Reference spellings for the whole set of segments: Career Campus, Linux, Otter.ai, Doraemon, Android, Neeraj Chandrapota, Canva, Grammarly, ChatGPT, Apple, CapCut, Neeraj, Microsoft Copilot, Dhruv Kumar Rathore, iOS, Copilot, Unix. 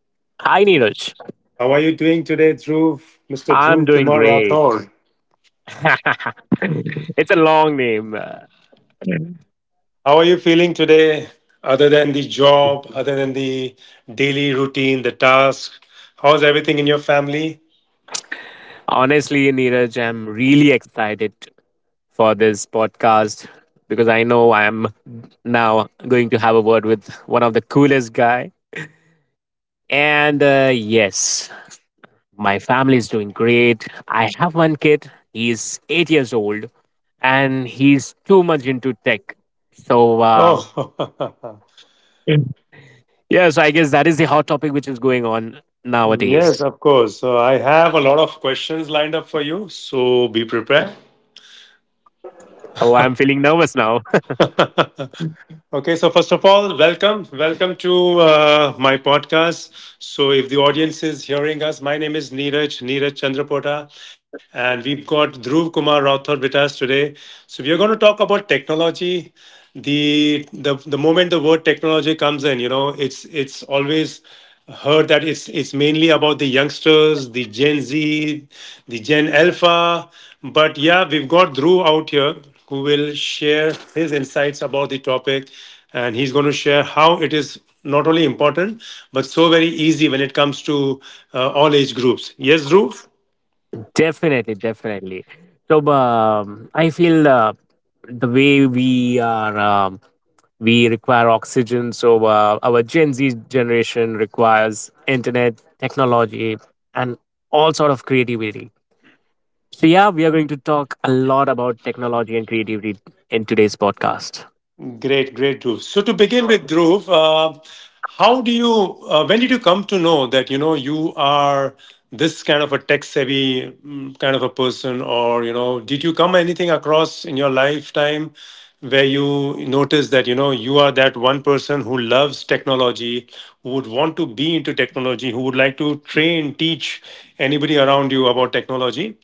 Hi, Neeraj. How are you doing today, Dhruv? Mr. Dhruv I'm doing Kumar great. Rathore. It's a long name. How are you feeling today, other than the job, other than the daily routine, the task? How's everything in your family? Honestly, Neeraj, I'm really excited for this podcast because I know I'm now going to have a word with one of the coolest guy. And yes, my family is doing great. I have one kid. He's 8 years old, and he's too much into tech. So. Uh, Oh. yeah, so I guess that is the hot topic which is going on Yes, nowadays. of course. So I have a lot of questions lined up for you, so be prepared. Oh, I'm feeling nervous now. Okay, so first of all, welcome. Welcome to my podcast. So, if the audience is hearing us, my name is Neeraj, Neeraj Chandrapota, and we've got Dhruv Kumar Rathod with us today. So, we are going to talk about technology. The moment the word technology comes in, you know, it's always heard that it's mainly about the youngsters, the Gen Z, the Gen Alpha. But yeah, we've got Drew out here who will share his insights about the topic, and he's going to share how it is not only important but so very easy when it comes to all age groups. Yes, Drew. Definitely, definitely. I feel the way we are, we require oxygen. So, our Gen Z generation requires internet, technology, and all sort of creativity. So, yeah, we are going to talk a lot about technology and creativity in today's podcast. Great, great, Dhruv. So to begin with, Dhruv, how do you? When did you come to know that you know you are this kind of a tech-savvy kind of a person, or you know, did you come anything across in your lifetime where you noticed that you know you are that one person who loves technology, who would want to be into technology, who would like to train, teach anybody around you about technology?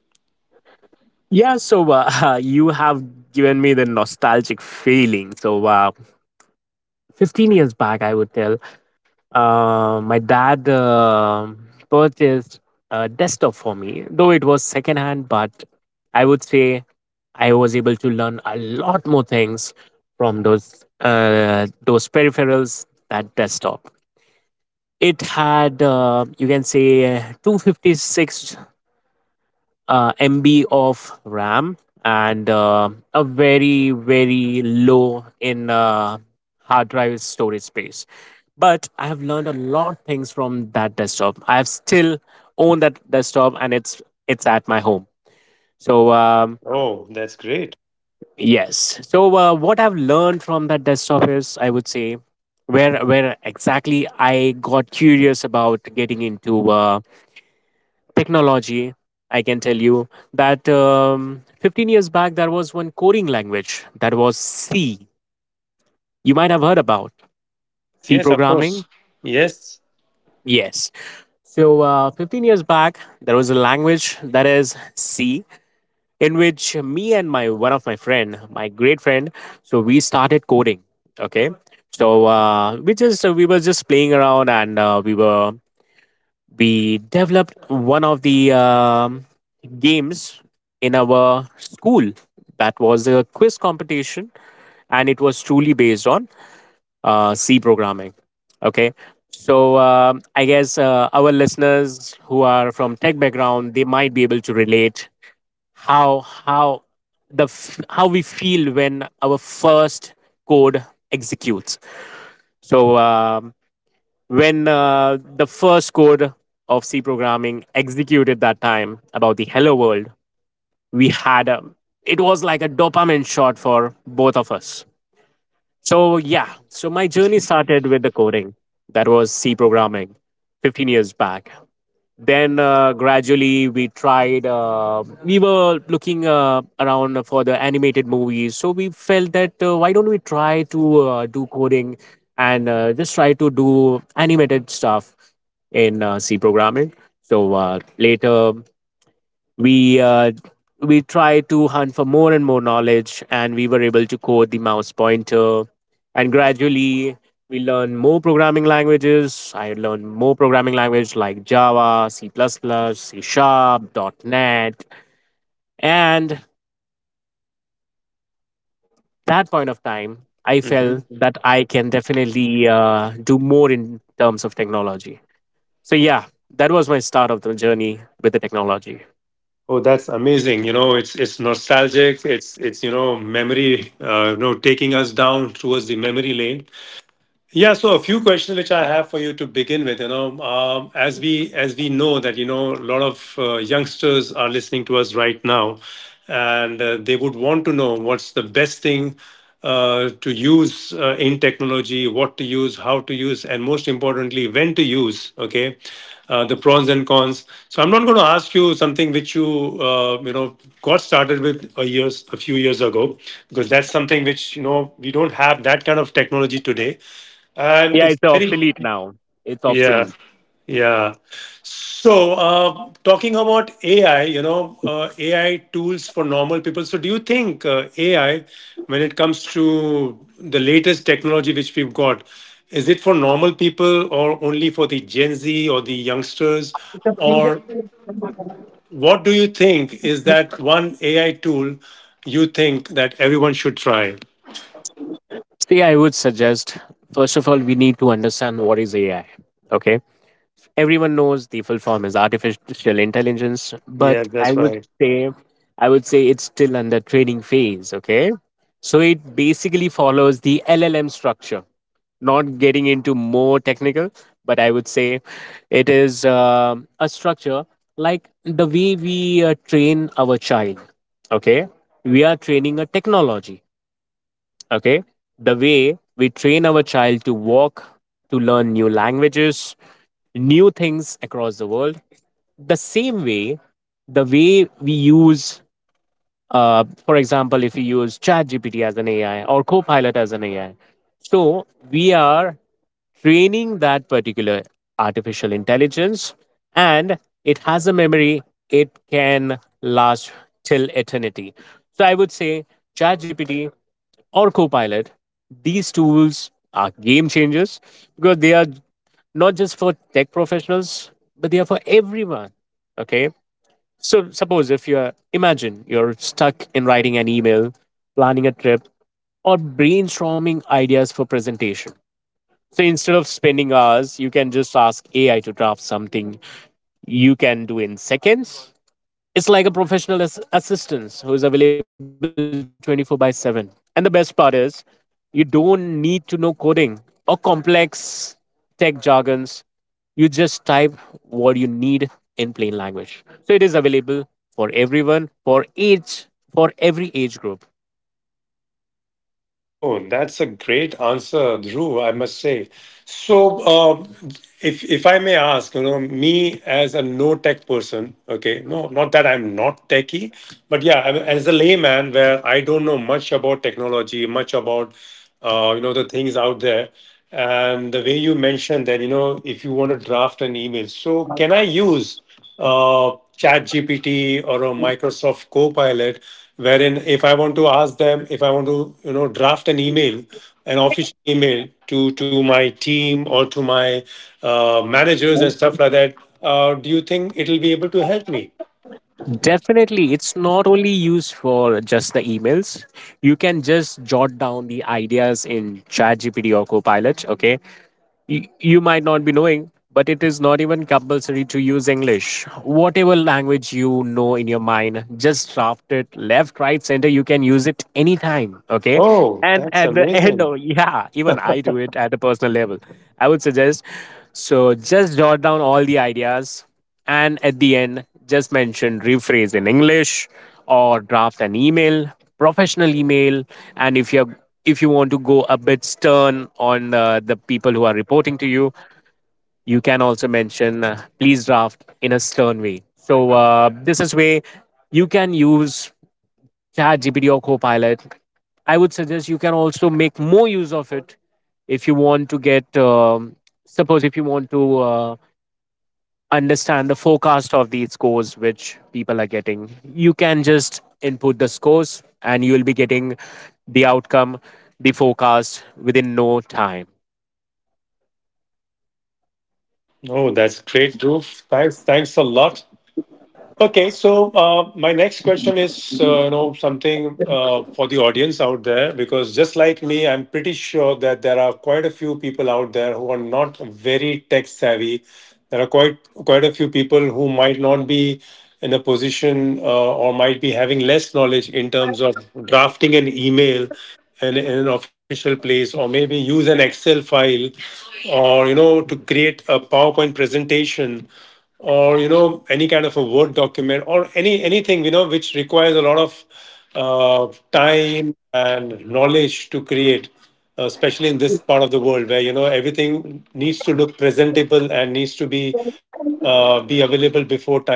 You have given me the nostalgic feeling. So, 15 years back, I would tell my dad purchased a desktop for me, though it was secondhand, but I would say I was able to learn a lot more things from those peripherals that desktop. It had you can say 256 MB of RAM and a very, very low in hard drive storage space. But I have learned a lot of things from that desktop. I have still owned that desktop and it's at my home. So um, Oh, that's great. yes. So, what I've learned from that desktop is, I would say, where exactly I got curious about getting into technology. I can tell you that 15 years back there was one coding language that was C. You might have heard about Yes, C yes, of course. programming. Yes. Yes, so 15 years back there was a language that is C, in which me and my one of my friend my great friend, so we started coding. Okay, so we were just playing around, and we developed one of the games in our school. That was a quiz competition, and it was truly based on C programming. Okay, so I guess our listeners who are from tech background, they might be able to relate how how how we feel when our first code executes. So when The first code of C programming executed, that time about the hello world, we had a it was like a dopamine shot for both of us. So yeah, so my journey started with the coding that was C programming 15 years back. Then gradually we tried, we were looking around for the animated movies, so we felt that why don't we try to do coding and just try to do animated stuff in C programming. So uh, later we uh, we tried to hunt for more and more knowledge, and we were able to code the mouse pointer. And gradually we learned more programming languages. I learned more programming language like Java, C++, C C#.NET. And that point of time I felt that I can definitely do more in terms of technology. So yeah, that was my start of the journey with the technology. Oh, that's amazing. You know, it's nostalgic. It's you know memory. You know, taking us down towards the memory lane. Yeah, so a few questions which I have for you to begin with. You know, as we know that you know a lot of youngsters are listening to us right now, and they would want to know what's the best thing to use in technology, what to use, how to use, and most importantly, when to use. Okay, the pros and cons. So I'm not going to ask you something which you you know got started with a few years ago because that's something which you know we don't have that kind of technology today and Yeah, it's it's very, obsolete now. It's yeah, obsolete. yeah. So, talking about AI, you know, AI tools for normal people. So, do you think AI, when it comes to the latest technology which we've got, is it for normal people or only for the Gen Z or the youngsters? Or what do you think is that one AI tool you think that everyone should try? See, I would suggest first of all, we need to understand what is AI. Okay, everyone knows the full form is artificial intelligence, but Yeah, that's right. I would say it's still under training phase. Okay, so it basically follows the LLM structure. Not getting into more technical, but I would say it is a structure like the way we train our child. Okay, we are training a technology. Okay, the way we train our child to walk, to learn new languages, new things across the world, the same way, the way we use, for example, if we use ChatGPT as an AI or Copilot as an AI, so we are training that particular artificial intelligence. And it has a memory. It can last till eternity. So I would say ChatGPT or Copilot, these tools are game changers because they are not just for tech professionals, but they are for everyone. Okay. So, suppose if you're, imagine you're stuck in writing an email, planning a trip, or brainstorming ideas for presentation. So instead of spending hours, you can just ask AI to draft something you can do in seconds. It's like a professional assistant who is available 24 by 7. And the best part is, you don't need to know coding or complex tech jargons. You just type what you need in plain language. So it is available for everyone, for age, for every age group. Oh, that's a great answer, Dhruv, I must say. So, if I may ask, you know, me as a no tech person, okay, no, not that I'm not techie, but yeah, I- as a layman where I don't know much about technology, much about you know the things out there, and the way you mentioned that, you know, if you want to draft an email, so can I use ChatGPT or a Microsoft Copilot, wherein if I want to ask them, if I want to you know draft an email, an official email to my team or to my managers and stuff like that, do you think it'll be able to help me? Definitely, it's not only used for just the emails. You can just jot down the ideas in ChatGPT or Copilot. Okay, you might not be knowing, but it is not even compulsory to use English. Whatever language you know in your mind, just draft it left, right, center. You can use it anytime. Okay. Oh, And that's at the end, amazing. oh, yeah, even I do it at a personal level. I would suggest so just jot down all the ideas, and at the end just mention rephrase in English or draft an email, professional email. And if you're, if you want to go a bit stern on the people who are reporting to you, you can also mention please draft in a stern way. So this is way you can use chat gpt or Copilot. I would suggest you can also make more use of it if you want to get suppose if you want to uh, understand the forecast of these scores which people are getting. You can just input the scores and you will be getting the outcome, the forecast within no time. Oh, that's great, Dhruv. Thanks, thanks a lot. Okay, so my next question is, you know, something for the audience out there, because just like me, I'm pretty sure that there are quite a few people out there who are not very tech savvy. There are quite a few people who might not be in a position or might be having less knowledge in terms of drafting an email in an official place, or maybe use an Excel file or you know to create a PowerPoint presentation or you know any kind of a Word document or anything you know which requires a lot of time and knowledge to create, especially in this part of the world where you know everything needs to look presentable and needs to be available before time.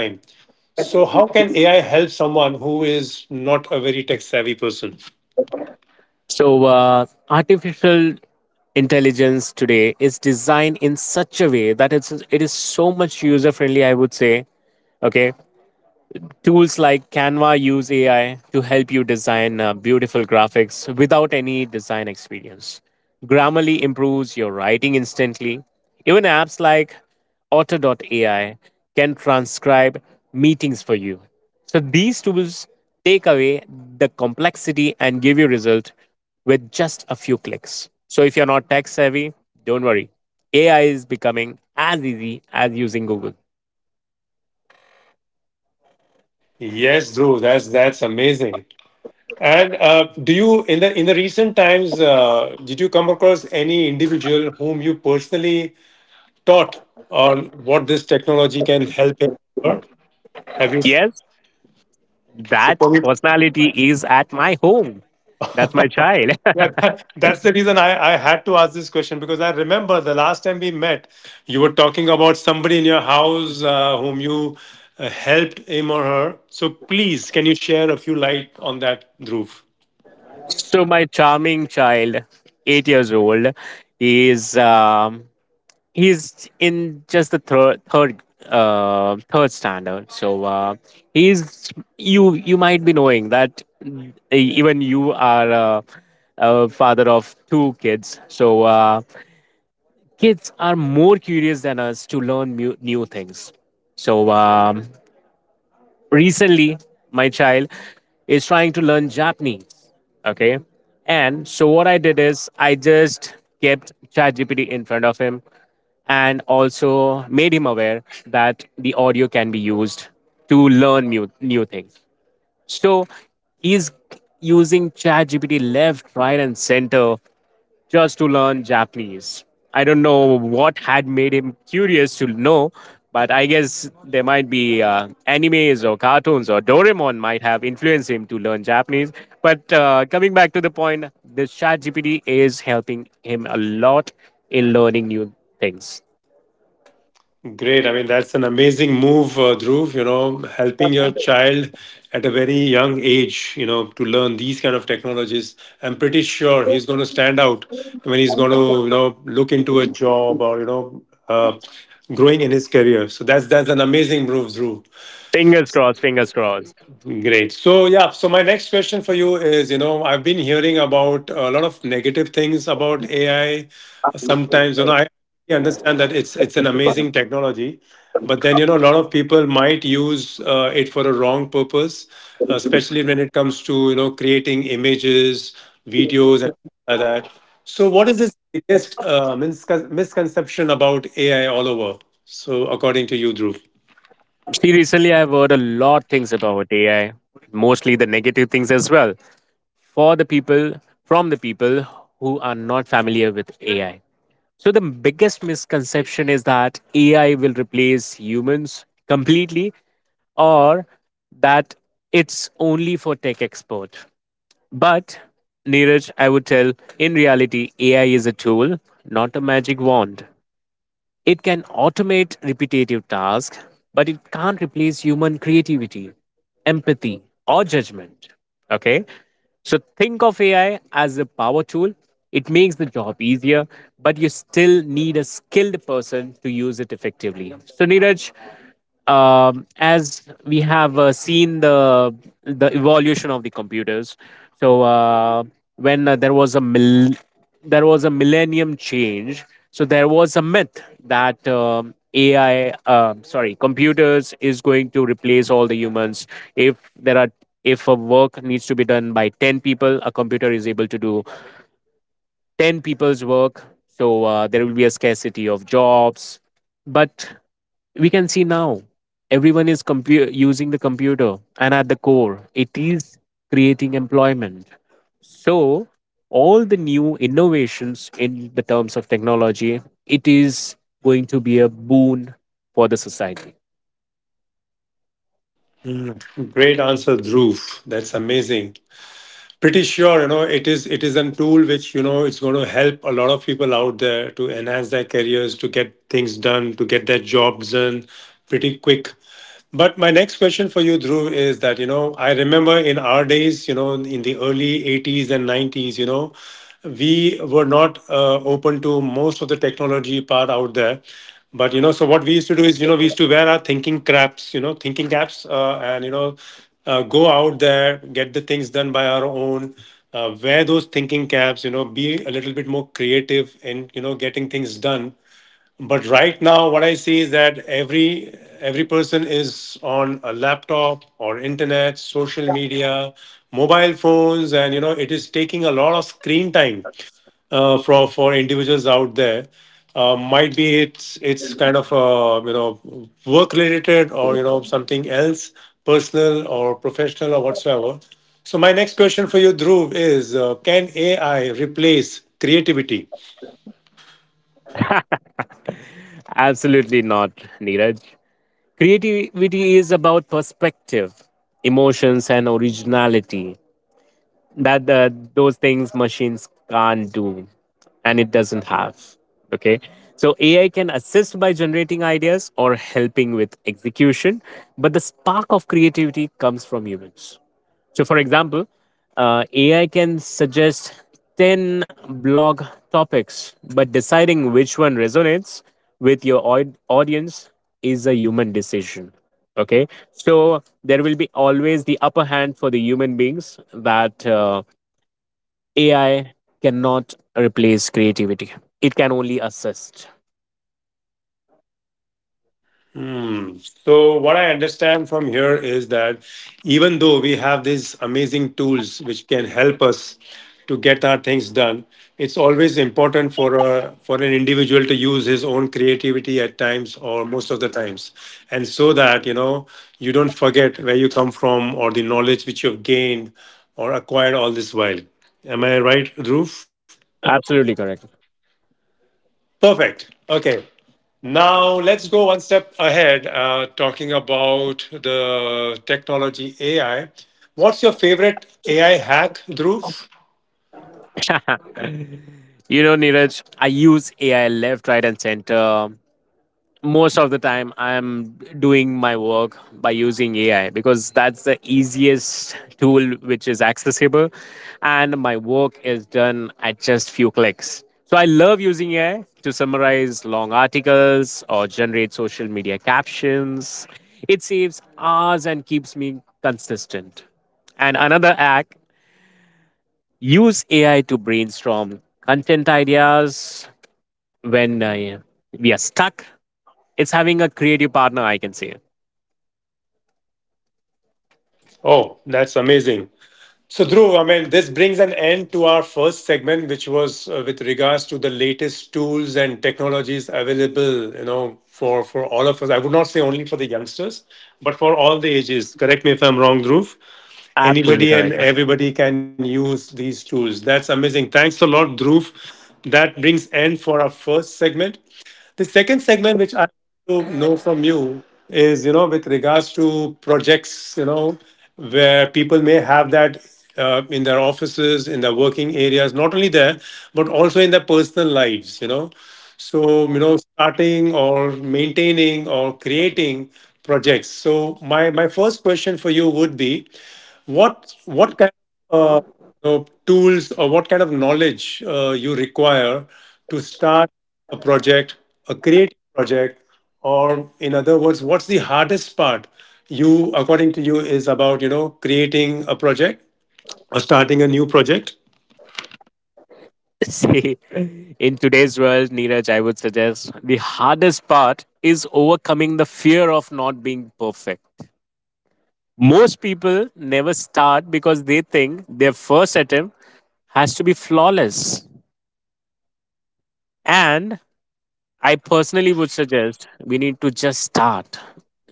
So how can AI help someone who is not a very tech savvy person? So, artificial intelligence today is designed in such a way that it is so much user friendly. I would say, okay, tools like Canva use AI to help you design beautiful graphics without any design experience. Grammarly improves your writing instantly. Even apps like Otter.ai can transcribe meetings for you. So these tools take away the complexity and give you result with just a few clicks. So if you're not tech savvy, don't worry. AI is becoming as easy as using Google. Yes, Dhruv, that's amazing. And do you in the recent times did you come across any individual whom you personally taught on what this technology can help him? Or her? Have you? So Yes, that for me, personality is at my home. That's my child. yeah, that, that's the reason I had to ask this question, because I remember the last time we met, you were talking about somebody in your house whom you helped him or her. So please, can you share a few light on that, Dhruv? So my charming child, 8 years old, is he's in just the third standard. So he's, you might be knowing that, even you are. A father of two kids. So kids are more curious than us to learn new things. So recently, my child is trying to learn Japanese. Okay. And so what I did is I just kept ChatGPT in front of him and also made him aware that the audio can be used to learn new, new things. So he's using ChatGPT left, right, and center just to learn Japanese. I don't know what had made him curious to know, but I guess there might be animes or cartoons or Doraemon might have influenced him to learn Japanese. But coming back to the point, this ChatGPT is helping him a lot in learning new things. Great. I mean, that's an amazing move, Dhruv, you know, helping your child at a very young age, you know, to learn these kind of technologies. I'm pretty sure he's going to stand out when he's going to, you know, look into a job or, you know, growing in his career. So that's an amazing move, Dhruv. Fingers crossed, fingers crossed. Great. So, yeah, so my next question for you is, you know, I've been hearing about a lot of negative things about AI. Sometimes, you know, I understand that it's an amazing technology, but then, you know, a lot of people might use it for a wrong purpose, especially when it comes to, you know, creating images, videos, and like that. So, what is this biggest misconception about AI all over? So, according to you, Dhruv. See, recently I've heard a lot things about AI, mostly the negative things as well. From the people who are not familiar with AI. So the biggest misconception is that AI will replace humans completely or that it's only for tech expert. But Neeraj, I would tell in reality AI is a tool, not a magic wand. It can automate repetitive tasks, but it can't replace human creativity, empathy, or judgment. Okay? So think of AI as a power tool. It makes the job easier, but you still need a skilled person to use it effectively. So, Neeraj, as we have seen the evolution of the computers, so when there was a mill there was a millennium change. So there was a myth that ai sorry computers is going to replace all the humans. If there are, if a work needs to be done by 10 people, a computer is able to do 10 people's work. So there will be a scarcity of jobs. But we can see now everyone is using the computer, and at the core, it is creating employment. So all the new innovations in the terms of technology, it is going to be a boon for the society. Great answer, Dhruv. That's amazing. Pretty sure you know it is a tool which you know it's going to help a lot of people out there to enhance their careers, to get things done, to get their jobs done pretty quick. But my next question for you, Dhruv, is that, you know, I remember in our days, you know, in the early 80s and 90s, you know, we were not open to most of the technology part out there. But, you know, so what we used to do is, you know, we used to wear our thinking caps, you know, thinking caps, and, you know, go out there, get the things done by our own, wear those thinking caps, you know, be a little bit more creative in, you know, getting things done. But right now, what I see is that every person is on a laptop or internet, social media, mobile phones, and you know it is taking a lot of screen time for individuals out there. Might be it's kind of you know work related or you know something else, personal or professional or whatsoever. So my next question for you, Dhruv, is can AI replace creativity? Absolutely not, Neeraj. Creativity is about perspective, emotions, and originality. That Those things machines can't do, and it doesn't have. Okay, so AI can assist by generating ideas or helping with execution, but the spark of creativity comes from humans. So, for example, AI can suggest 10 blog topics, but deciding which one resonates with your audience is a human decision. Okay, so there will be always the upper hand for the human beings that AI cannot replace creativity. It can only assist. Hmm. So, what I understand from here is that even though we have these amazing tools which can help us to get our things done, it's always important for a, for an individual to use his own creativity at times or most of the times, and so that you know you don't forget where you come from or the knowledge which you've gained or acquired all this while. Am I right, Dhruv? Absolutely correct. Perfect. Okay. Now, let's go one step ahead, talking about the technology AI. What's your favorite AI hack, Dhruv? You know, Neeraj, I use AI left, right, and center. Most of the time, I'm doing my work by using AI because that's the easiest tool which is accessible, and my work is done at just few clicks. So I love using AI to summarize long articles or generate social media captions. It saves hours and keeps me consistent. And another hack: use AI to brainstorm content ideas when we are stuck. It's having a creative partner, I can say. Oh, that's amazing. So, Dhruv, I mean, this brings an end to our first segment, which was with regards to the latest tools and technologies available, you know, for all of us. I would not say only for the youngsters, but for all the ages. Correct me if I'm wrong, Dhruv. Absolutely Anybody and correct. everybody can use these tools. That's amazing. Thanks a lot, Dhruv. That brings end for our first segment. The second segment, which I want to know from you, is you know with regards to projects, you know, where people may have that in their offices, in their working areas, not only there but also in their personal lives. You know, so you know starting or maintaining or creating projects. So my first question for you would be, what kind of you know, tools or what kind of knowledge you require to start a project, a creative project, or in other words, what's the hardest part you, according to you, is about you know creating a project or starting a new project? See, in today's world, Neeraj, I would suggest the hardest part is overcoming the fear of not being perfect. Most people never start because they think their first attempt has to be flawless. And I personally would suggest we need to just start.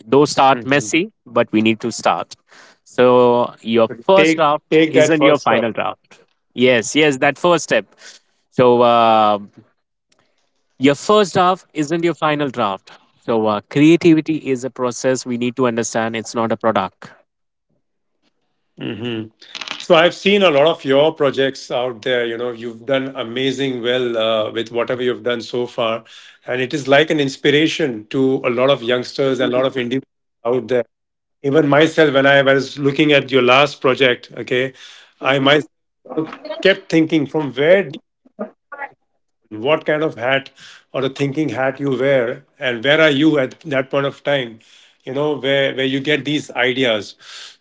Though start Mhm. messy, but we need to start. So your first Take draft take that isn't your first step. final draft. Yes, yes, that first step. So your first draft isn't your final draft. So, creativity is a process we need to understand. It's not a product. Hmm. So I've seen a lot of your projects out there. You know, you've done amazing well with whatever you've done so far, and it is like an inspiration to a lot of youngsters and a lot of individuals out there, even myself. When I was looking at your last project, okay, I myself kept thinking, from where do you- what kind of hat or the thinking hat you wear, and where are you at that point of time, you know, where you get these ideas.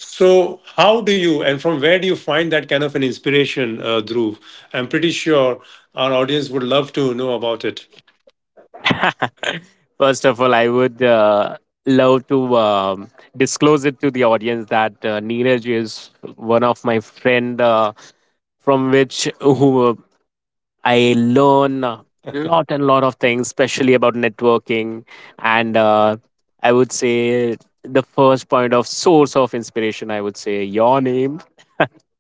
So how do you and from where do you find that kind of an inspiration, Dhruv? I'm pretty sure our audience would love to know about First of all, I would love to disclose it to the audience that Neeraj is one of my friend from which who I learn a it. lot and lot of things, especially about networking. And I would say the first point of source of inspiration, I would say your name.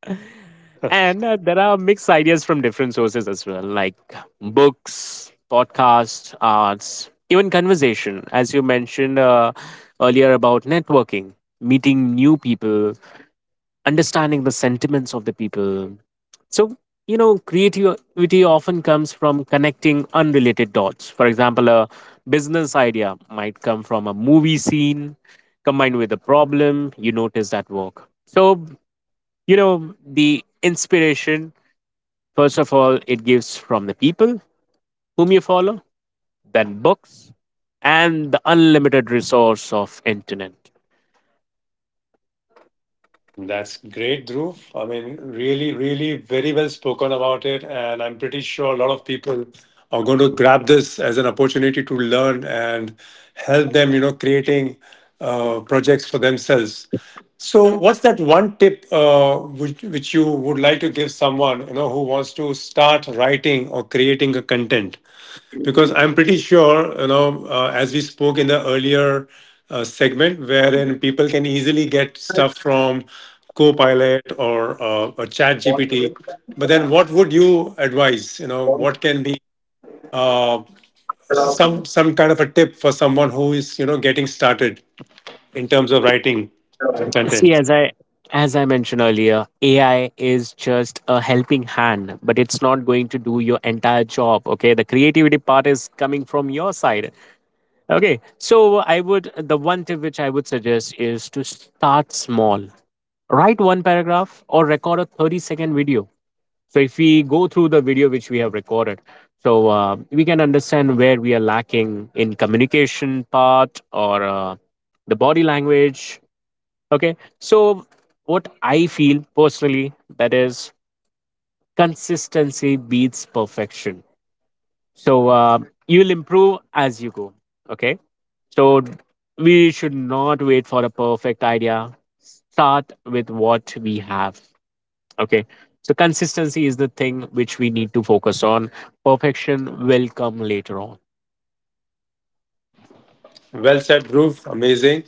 And there are mixed ideas from different sources as well, like books, podcasts, arts, even conversation, as you mentioned earlier about networking, meeting new people, understanding the sentiments of the people. So, creativity often comes from connecting unrelated dots. For example, a business idea might come from a movie scene combined with a problem you noticed at work. So, the inspiration, first of all, it gives from the people whom you follow, then books, and the unlimited resource of internet. That's great, Dhruv. I mean, really, really very well spoken about it. And I'm pretty sure a lot of people are going to grab this as an opportunity to learn and help them, you know, creating projects for themselves. So, what's that one tip which you would like to give someone, you know, who wants to start writing or creating a content? Because I'm pretty sure, you know, as we spoke in the earlier segment, wherein people can easily get stuff from Copilot or a Chat GPT. But then, what would you advise? You know, what can be uh, some kind of a tip for someone who is, you know, getting started in terms of writing See, content? As I mentioned earlier, AI is just a helping hand, but it's not going to do your entire job. Okay, the creativity part is coming from your side. Okay, so I would the one tip which I would suggest is to start small. Write one paragraph or record a 30-second video. So if we go through the video which we have recorded, so we can understand where we are lacking in communication part or the body language. Okay, so what I feel personally that is consistency beats perfection. So you will improve as you go. Okay, so we should not wait for a perfect idea. Start with what we have. Okay. So consistency is the thing which we need to focus on. Perfection will come later on. Well said, Dhruv. Amazing.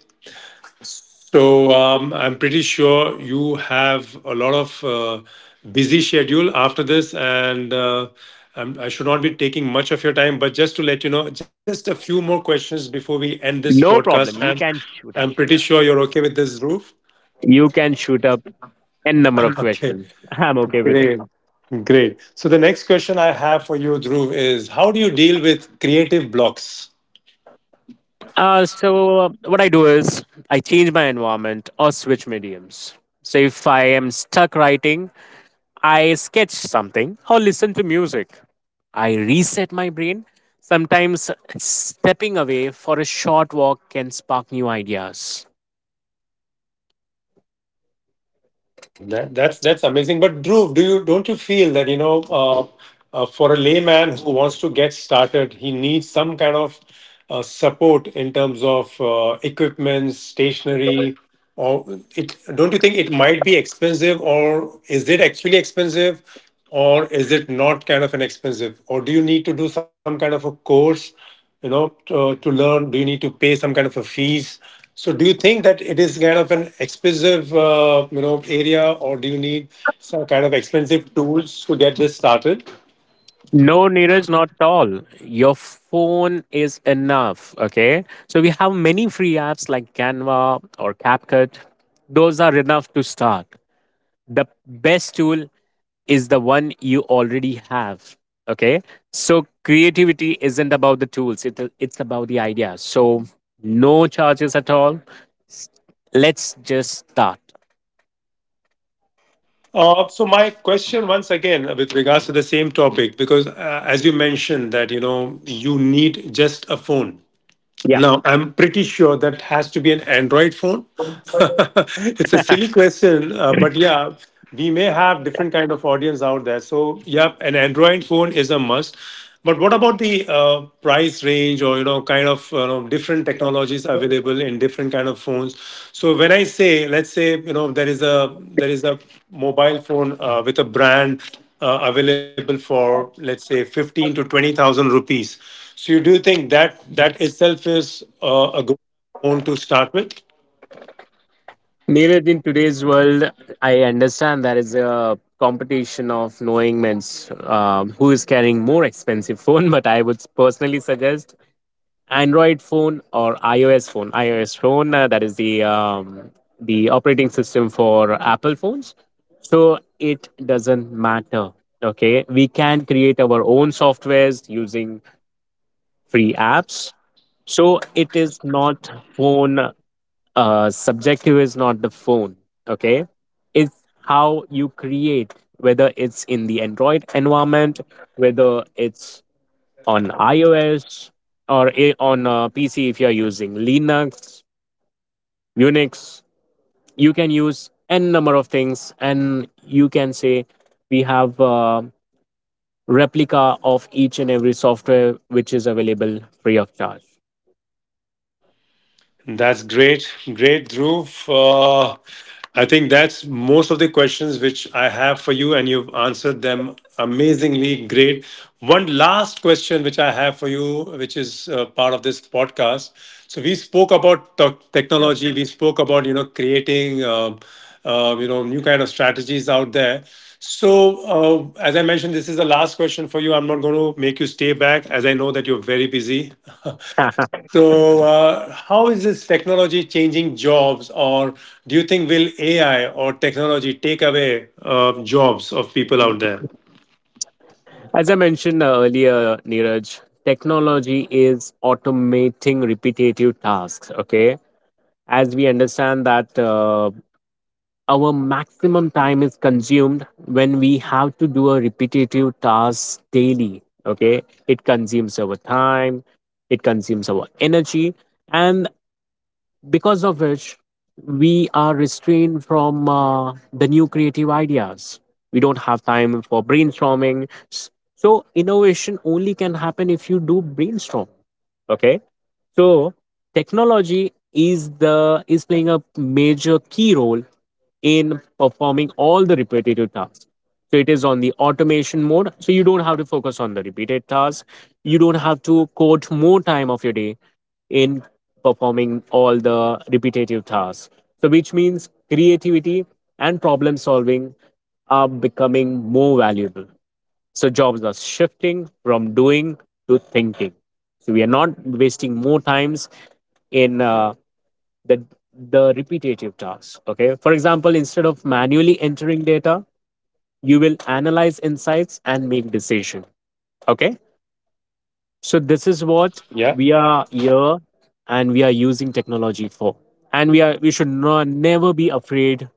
So I'm pretty sure you have a lot of busy schedule after this, and I should not be taking much of your time. But just to let you know, just a few more questions before we end this No podcast. problem. And You can shoot I'm up. pretty sure you're okay with this, Dhruv. You can shoot up n number of Okay, questions. I'm okay with it. great, great. So the next question I have for you, Dhruv, is how do you deal with creative blocks? So what I do is I change my environment or switch mediums. So if I am stuck writing, I sketch something or listen to music. I reset my brain. Sometimes stepping away for a short walk can spark new ideas. Oh, that, that's amazing. But Dhruv, do you don't you feel that, you know, for a layman who wants to get started, he needs some kind of support in terms of equipment, stationery, or it? Don't you think it might be expensive, or is it actually expensive, or is it not kind of an expensive, or do you need to do some kind of a course, you know, to learn, do you need to pay some kind of a fees? So do you think that it is kind of an expensive, you know, area, or do you need some kind of expensive tools to get this started? No, Neeraj, not at all. Your phone is enough. Okay. So we have many free apps like Canva or CapCut. Those are enough to start. The best tool is the one you already have. Okay. So creativity isn't about the tools, it's about the ideas. So no charges at all. S- Let's just start. So my question once again, with regards to the same topic, because as you mentioned that, you know, you need just a phone. Yeah. Now, I'm pretty sure that has to be an Android phone. It's a silly question, but yeah, we may have different kind of audience out there. So, yeah, an Android phone is a must. But what about the price range, or you know, kind of, you know, different technologies available in different kind of phones? So when I say, let's say, you know, there is a mobile phone with a brand available for, let's say, 15 to 20,000 rupees. So you do think that that itself is a good phone to start with? Neeraj, in today's world, I understand there is a competition of knowing men's who is carrying more expensive phone. But I would personally suggest Android phone or iOS phone. iOS phone, that is the operating system for Apple phones. So it doesn't matter. Okay, we can create our own softwares using free apps. So it is not phone, subjective is not the phone, okay? It's how you create, whether it's in the Android environment, whether it's on iOS on a PC if you're using Linux, Unix, you can use n number of things, and you can say we have replica of each and every software which is available free of charge. That's great. Great, Dhruv. I think that's most of the questions which I have for you, and you've answered them amazingly great. One last question which I have for you, which is part of this podcast. So we spoke about technology. We spoke about, you know, creating, you know, new kind of strategies out there. So, as I mentioned, this is the last question for you. I'm not going to make you stay back, as I know that you're very busy. So, how is this technology changing jobs, or do you think will AI or technology take away jobs of people out there? As I mentioned earlier, Neeraj, technology is automating repetitive tasks. Okay, as we understand that our maximum time is consumed when we have to do a repetitive task daily. Okay, it consumes our time, it consumes our energy, and because of which we are restrained from the new creative ideas. We don't have time for brainstorming. So innovation only can happen if you do brainstorm. Okay, so technology is playing a major key role in performing all the repetitive tasks. So it is on the automation mode. So you don't have to focus on the repeated tasks. You don't have to quote more time of your day in performing all the repetitive tasks. So, which means creativity and problem solving are becoming more valuable. So, jobs are shifting from doing to thinking. So, we are not wasting more times in the the repetitive tasks. Okay, for example, instead of manually entering data, you will analyze insights and make decision. Okay, so this is what Yeah. we are here and we are using technology for. And we should not, never be afraid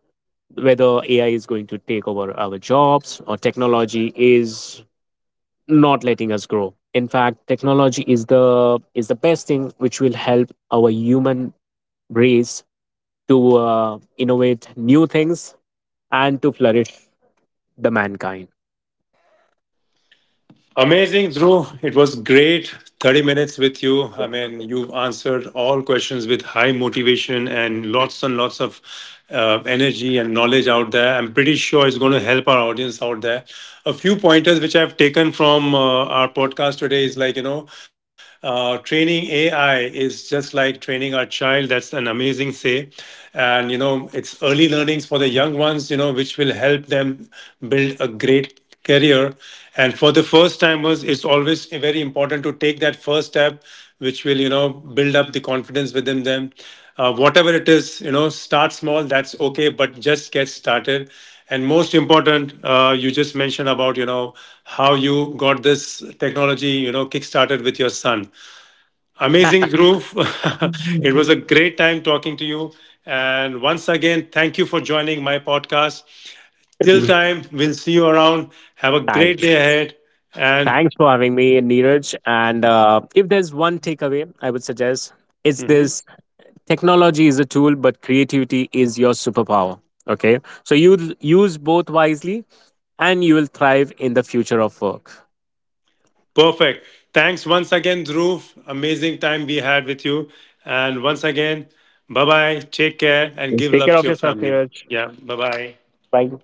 whether AI is going to take over our jobs or technology is not letting us grow. In fact, technology is the best thing which will help our human race to innovate new things and to flourish the mankind. Amazing, Drew. It was great. 30 minutes with you. I mean, you've answered all questions with high motivation and lots of energy and knowledge out there. I'm pretty sure it's going to help our audience out there. A few pointers which I've taken from our podcast today is like, you know, training AI is just like training our child. That's an amazing say. And, you know, it's early learnings for the young ones, you know, which will help them build a great career. And for the first timers, it's always very important to take that first step, which will, you know, build up the confidence within them. Whatever it is, you know, start small, that's okay, but just get started. And most important, you just mentioned about, you know, how you got this technology, you know, kickstarted with your son. Amazing, Dhruv. It was a great time talking to you, and once again, thank you for joining my podcast. Till Mm. time, we'll see you around. Have a great Thanks. day ahead. And Thanks for having me, Neeraj. And if there's one takeaway, I would suggest it's this: technology is a tool, but creativity is your superpower. Okay, so you use both wisely, and you will thrive in the future of work. perfect. Thanks once again, Dhruv. Amazing time we had with you. And once again, bye bye. Take care and give Take care love of to your yourself, family. Neeraj. Yeah, bye bye. Bye.